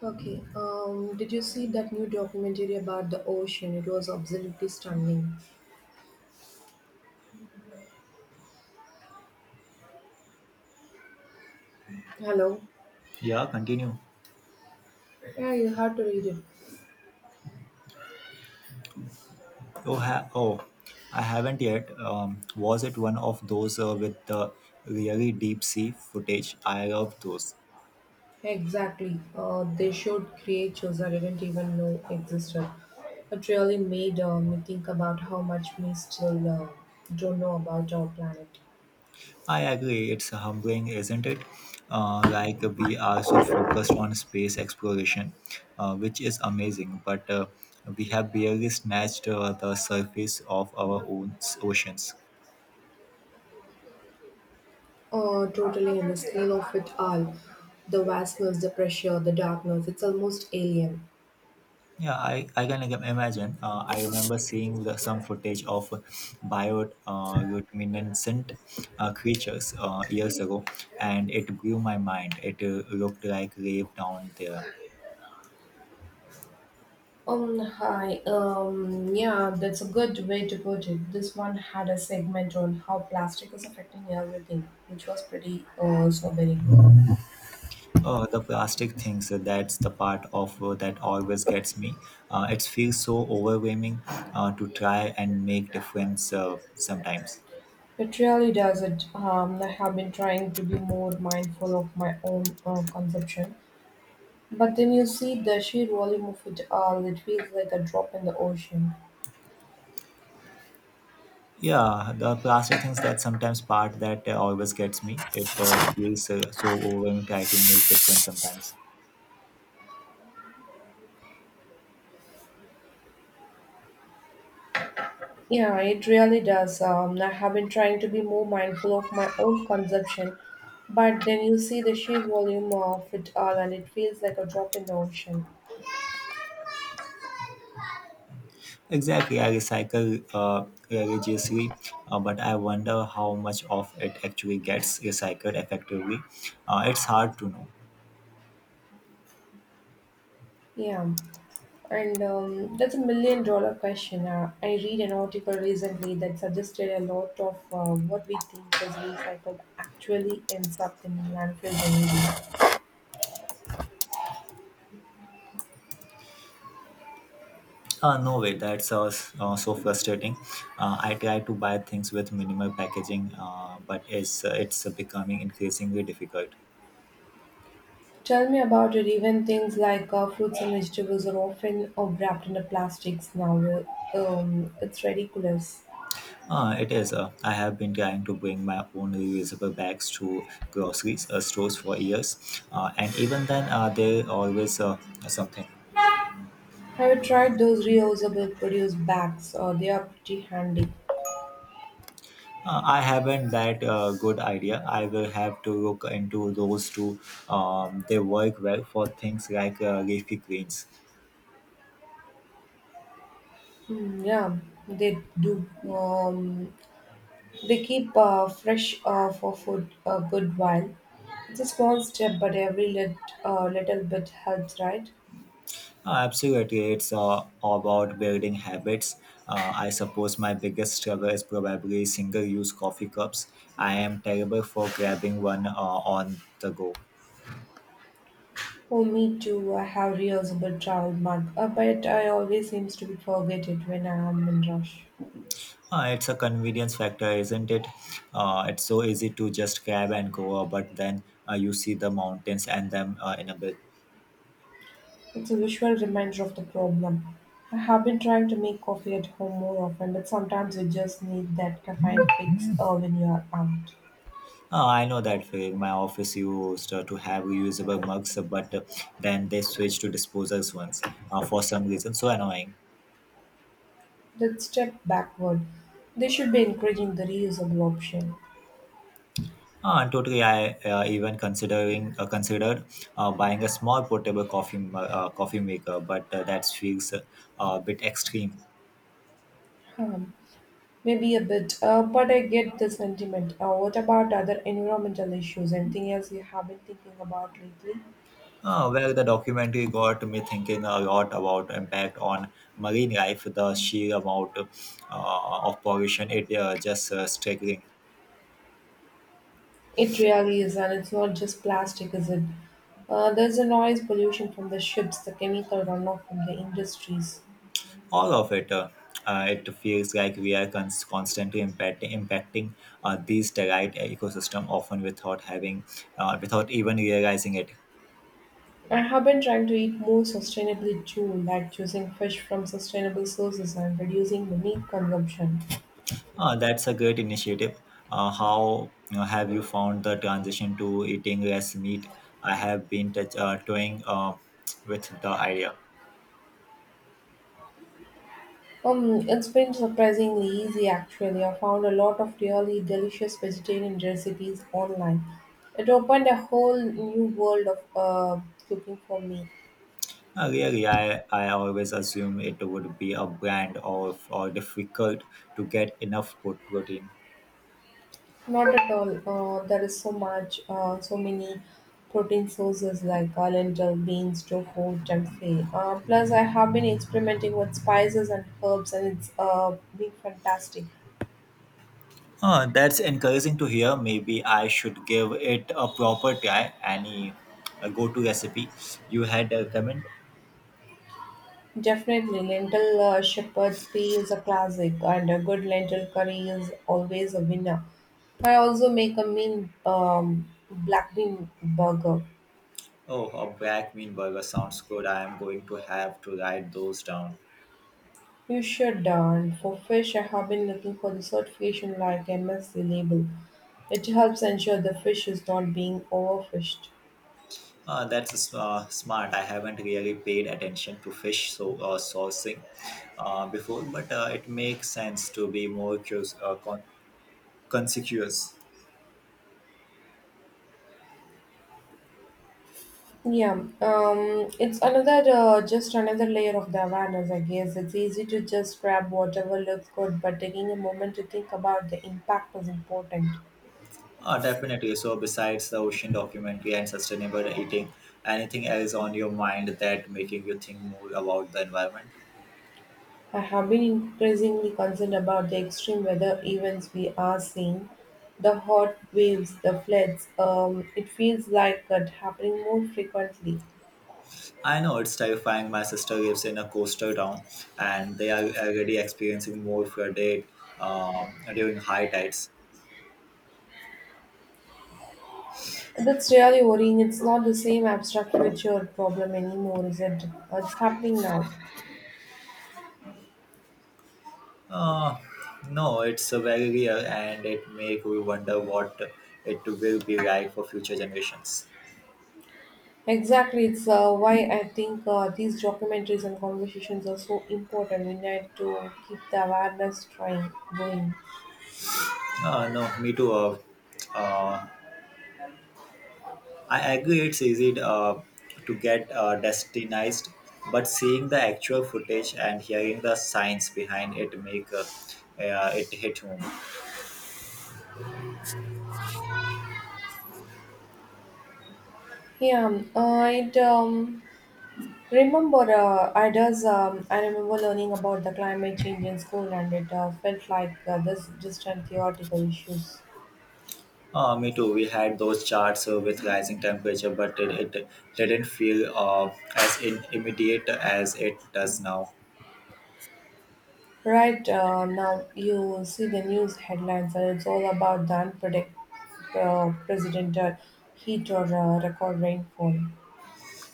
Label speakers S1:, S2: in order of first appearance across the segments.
S1: Okay. Did you see that new documentary about the ocean? It was absolutely stunning. Hello.
S2: Yeah, continue.
S1: Yeah, you had to read it.
S2: Oh, I haven't yet. Was it one of those with the really deep sea footage? I love those.
S1: Exactly. They showed creatures I didn't even know existed. It really made me think about how much we still don't know about our planet.
S2: I agree. It's humbling, isn't it? Like we are so focused on space exploration, which is amazing, but we have barely snatched the surface of our own oceans.
S1: Totally, and the scale of it all. The vastness, the pressure, the darkness. It's almost alien.
S2: Yeah, I imagine. I remember seeing some footage of bioluminescent creatures years ago, and it blew my mind. It looked like life down there.
S1: Hi. Yeah, that's a good way to put it. This one had a segment on how plastic is affecting everything, which was pretty sobering.
S2: Oh, the plastic things, that's the part of that always gets me. It feels so overwhelming to try and make difference sometimes.
S1: It really does it. I have been trying to be more mindful of my own consumption, but then you see the sheer volume of it all, it feels like a drop in the ocean.
S2: Yeah, the plastic things that sometimes part that always gets me. It feels so overwhelming try to make difference sometimes.
S1: Yeah, it really does. I have been trying to be more mindful of my own consumption, but then you see the sheer volume of it all, and it feels like a drop in the ocean.
S2: Exactly, I recycle religiously, but I wonder how much of it actually gets recycled effectively. It's hard to know.
S1: Yeah, and that's a million-dollar question. I read an article recently that suggested a lot of what we think is recycled actually ends up in landfills anyway.
S2: No way, that's so frustrating. I try to buy things with minimal packaging, but it's becoming increasingly difficult.
S1: Tell me about it. Even things like fruits and vegetables are often wrapped in the plastics now. It's ridiculous.
S2: It is. I have been trying to bring my own reusable bags to groceries stores for years, and even then, there always something.
S1: Have you tried those reusable produce bags? They are pretty handy.
S2: I haven't that good idea. I will have to look into those two. They work well for things like leafy greens.
S1: Mm, yeah, they do. They keep fresh for food a good while. It's a small step, but little bit helps, right?
S2: Absolutely, it's about building habits. I suppose my biggest struggle is probably single-use coffee cups. I am terrible for grabbing one on the go.
S1: For me too, I have reusable travel mug, but I always seems to be forget it when I am in rush.
S2: It's a convenience factor, isn't it? It's so easy to just grab and go, but then you see the mountains and them in a bit.
S1: It's a visual reminder of the problem. I have been trying to make coffee at home more often, but sometimes you just need that caffeine fix when you are out.
S2: Oh, I know that feeling. My office used to have reusable mugs, but then they switched to disposals ones for some reason. So annoying.
S1: That step backward. They should be encouraging the reusable option.
S2: And totally, I even considering considered buying a small portable coffee maker, but that feels a bit extreme.
S1: Um, Maybe a bit, but I get the sentiment. What about other environmental issues? Anything else you have been thinking about lately?
S2: Well, the documentary got me thinking a lot about impact on marine life, the sheer amount of pollution. It just staggering.
S1: It really is, and it's not just plastic, is it? There's the noise pollution from the ships, the chemical runoff from the industries.
S2: All of it. It feels like we are constantly impacting these territe ecosystem often without having, without even realizing it.
S1: I have been trying to eat more sustainably too, like choosing fish from sustainable sources and reducing the meat consumption.
S2: That's a great initiative. How have you found the transition to eating less meat? I have been touch toying with the idea.
S1: It's been surprisingly easy actually. I found a lot of really delicious vegetarian recipes online. It opened a whole new world of cooking for me.
S2: Really, I always assume it would be a brand or difficult to get enough protein.
S1: Not at all. There is so much, So many protein sources like lentil, beans, tofu, tempeh. Plus, I have been experimenting with spices and herbs, and it's been fantastic.
S2: That's encouraging to hear. Maybe I should give it a proper try. Any go to recipe you had a comment?
S1: Definitely, lentil shepherd's pie is a classic, and a good lentil curry is always a winner. I also make a mean black bean burger.
S2: Oh, a black bean burger sounds good. I am going to have to write those down.
S1: You sure darn. For fish, I have been looking for the certification like MSC label. It helps ensure the fish is not being overfished.
S2: That's smart. I haven't really paid attention to fish so sourcing before, but it makes sense to be more curious, conspicuous.
S1: Yeah, it's another just another layer of the awareness, I guess. It's easy to just grab whatever looks good, but taking a moment to think about the impact is important.
S2: Definitely. So, besides the ocean documentary and sustainable eating, anything else on your mind that making you think more about the environment?
S1: I have been increasingly concerned about the extreme weather events we are seeing, the hot waves, the floods. It feels like that happening more frequently.
S2: I know it's terrifying. My sister lives in a coastal town, and they are already experiencing more flooded during high tides.
S1: That's really worrying. It's not the same abstract future problem anymore, is it? It's happening now.
S2: Uh, no, it's very real, and it make we wonder what it will be like for future generations.
S1: Exactly. It's why I think these documentaries and conversations are so important. We need to keep the awareness trying going.
S2: No, me too. Uh, I agree it's easy to get destinized, but seeing the actual footage and hearing the science behind it make it hit home.
S1: Yeah, I remember learning about the climate change in school, and it felt like this distant theoretical issues.
S2: Me too. We had those charts with rising temperature, but it didn't feel as in immediate as it does now.
S1: Right, now, you see the news headlines, and it's all about the unpredictable heat or record rainfall.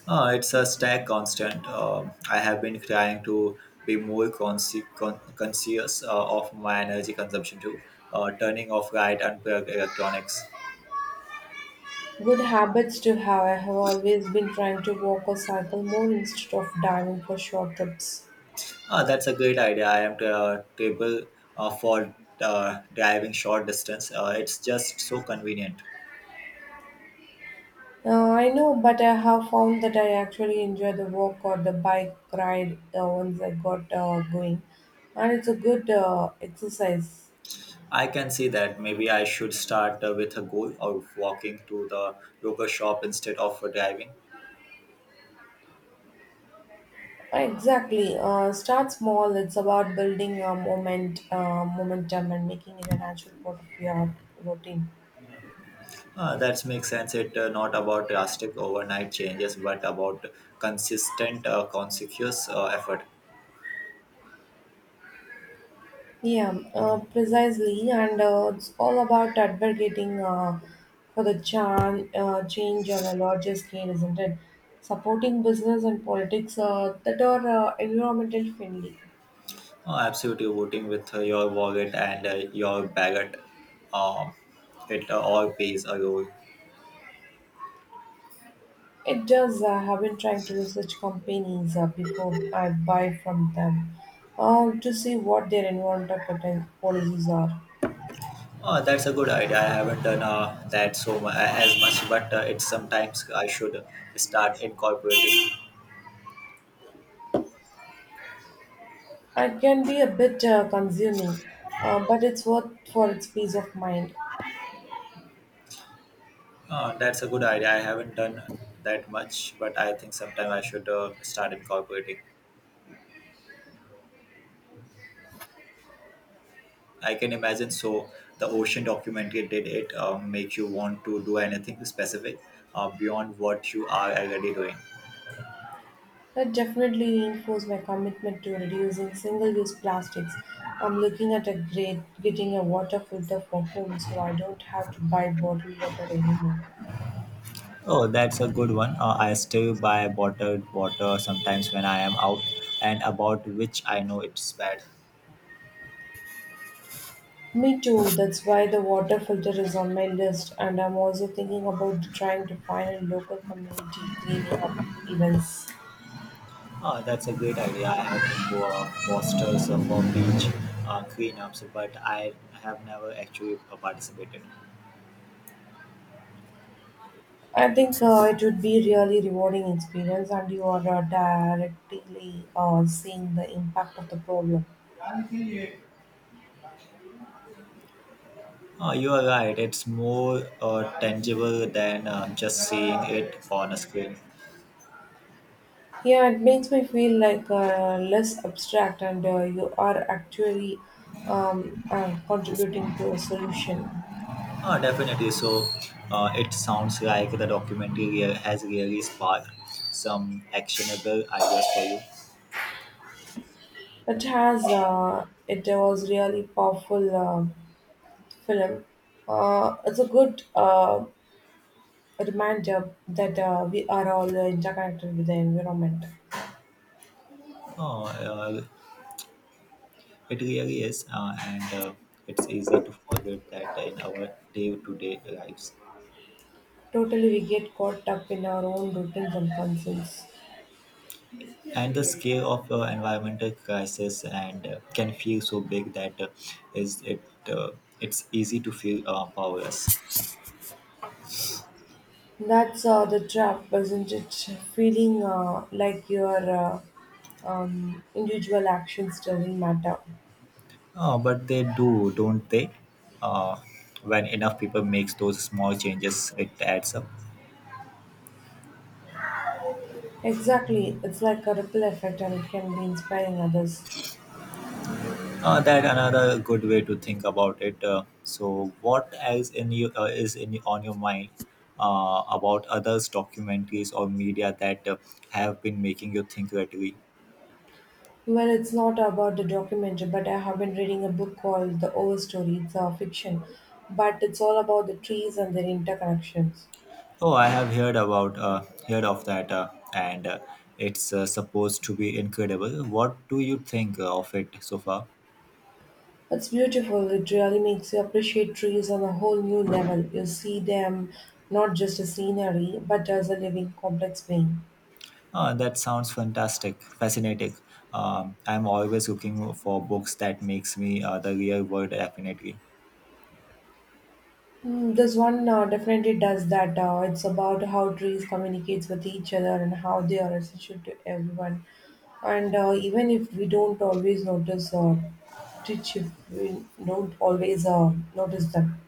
S2: It's a stack constant. I have been trying to be more conscious of my energy consumption too, turning off light and electronics.
S1: Good habits to have. I have always been trying to walk or cycle more instead of diving for short trips.
S2: Ah, that's a great idea. I am table for driving short distance. It's just so convenient.
S1: I know, but I have found that I actually enjoy the walk or the bike ride once I got going, and it's a good exercise.
S2: I can see that maybe I should start with a goal of walking to the local shop instead of driving.
S1: Exactly. Start small. It's about momentum, and making it a natural part of your routine.
S2: That makes sense. It not about drastic overnight changes, but about consistent, conscious effort.
S1: Yeah, precisely. And it's all about advocating for the change on a larger scale, isn't it? Supporting business and politics that are environmental friendly.
S2: Absolutely, voting with your wallet and your baguette, um, it all pays a role.
S1: It does. I have been trying to research companies before I buy from them to see what their environmental policies are.
S2: Oh, that's a good idea. I haven't done that so as much, but it's sometimes I should start incorporating.
S1: It can be a bit consuming, but it's worth for its peace of mind.
S2: That's a good idea. I haven't done that much, but I think sometime I should start incorporating. I can imagine. So the ocean documentary did it make you want to do anything specific beyond what you are already doing?
S1: That definitely reinforced my commitment to reducing single-use plastics. I'm looking at a great getting a water filter for home, so I don't have to buy bottled water anymore.
S2: Oh, that's a good one. I still buy bottled water sometimes when I am out and about, which I know it's bad.
S1: Me too. That's why the water filter is on my list, and I'm also thinking about trying to find a local community cleaning up events.
S2: Oh, that's a great idea. I have posters for beach cleanups, but I have never actually participated.
S1: I think so. It would be really rewarding experience, and you are directly seeing the impact of the problem.
S2: You are right. It's more tangible than just seeing it on a screen.
S1: Yeah, it makes me feel like less abstract, and you are actually contributing to a solution.
S2: Definitely. So it sounds like the documentary has really sparked some actionable ideas for you.
S1: It has. It was really powerful film. It's a good reminder that we are all interconnected with the environment.
S2: Oh, it really is. And it's easy to forget that in our day to day lives.
S1: Totally, we get caught up in our own routines and concerns.
S2: And the scale of environmental crisis and can feel so big that is it uh, it's easy to feel powerless.
S1: That's the trap, isn't it? Feeling like your individual actions doesn't matter.
S2: Oh, but they do, don't they? uh, when enough people makes those small changes, it adds up.
S1: Exactly, it's like a ripple effect, and it can be inspiring others.
S2: That another good way to think about it. Uh, so what else in you is in on your mind about others documentaries or media that have been making you think lately?
S1: Well, it's not about the documentary, but I have been reading a book called The Overstory. It's a fiction, but it's all about the trees and their interconnections.
S2: Oh, I have heard about heard of that, and it's supposed to be incredible. What do you think of it so far?
S1: It's beautiful, it really makes you appreciate trees on a whole new level. You see them not just as scenery, but as a living, complex being.
S2: That sounds fascinating. I'm always looking for books that makes me the real world definitely.
S1: Mm, this one definitely does that. It's about how trees communicate with each other and how they are essential to everyone. And even if we don't always notice them.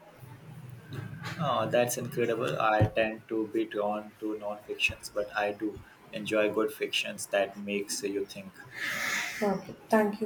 S2: Oh, that's incredible. I tend to be drawn to non-fictions, but I do enjoy good fictions that makes you think.
S1: Okay, thank you.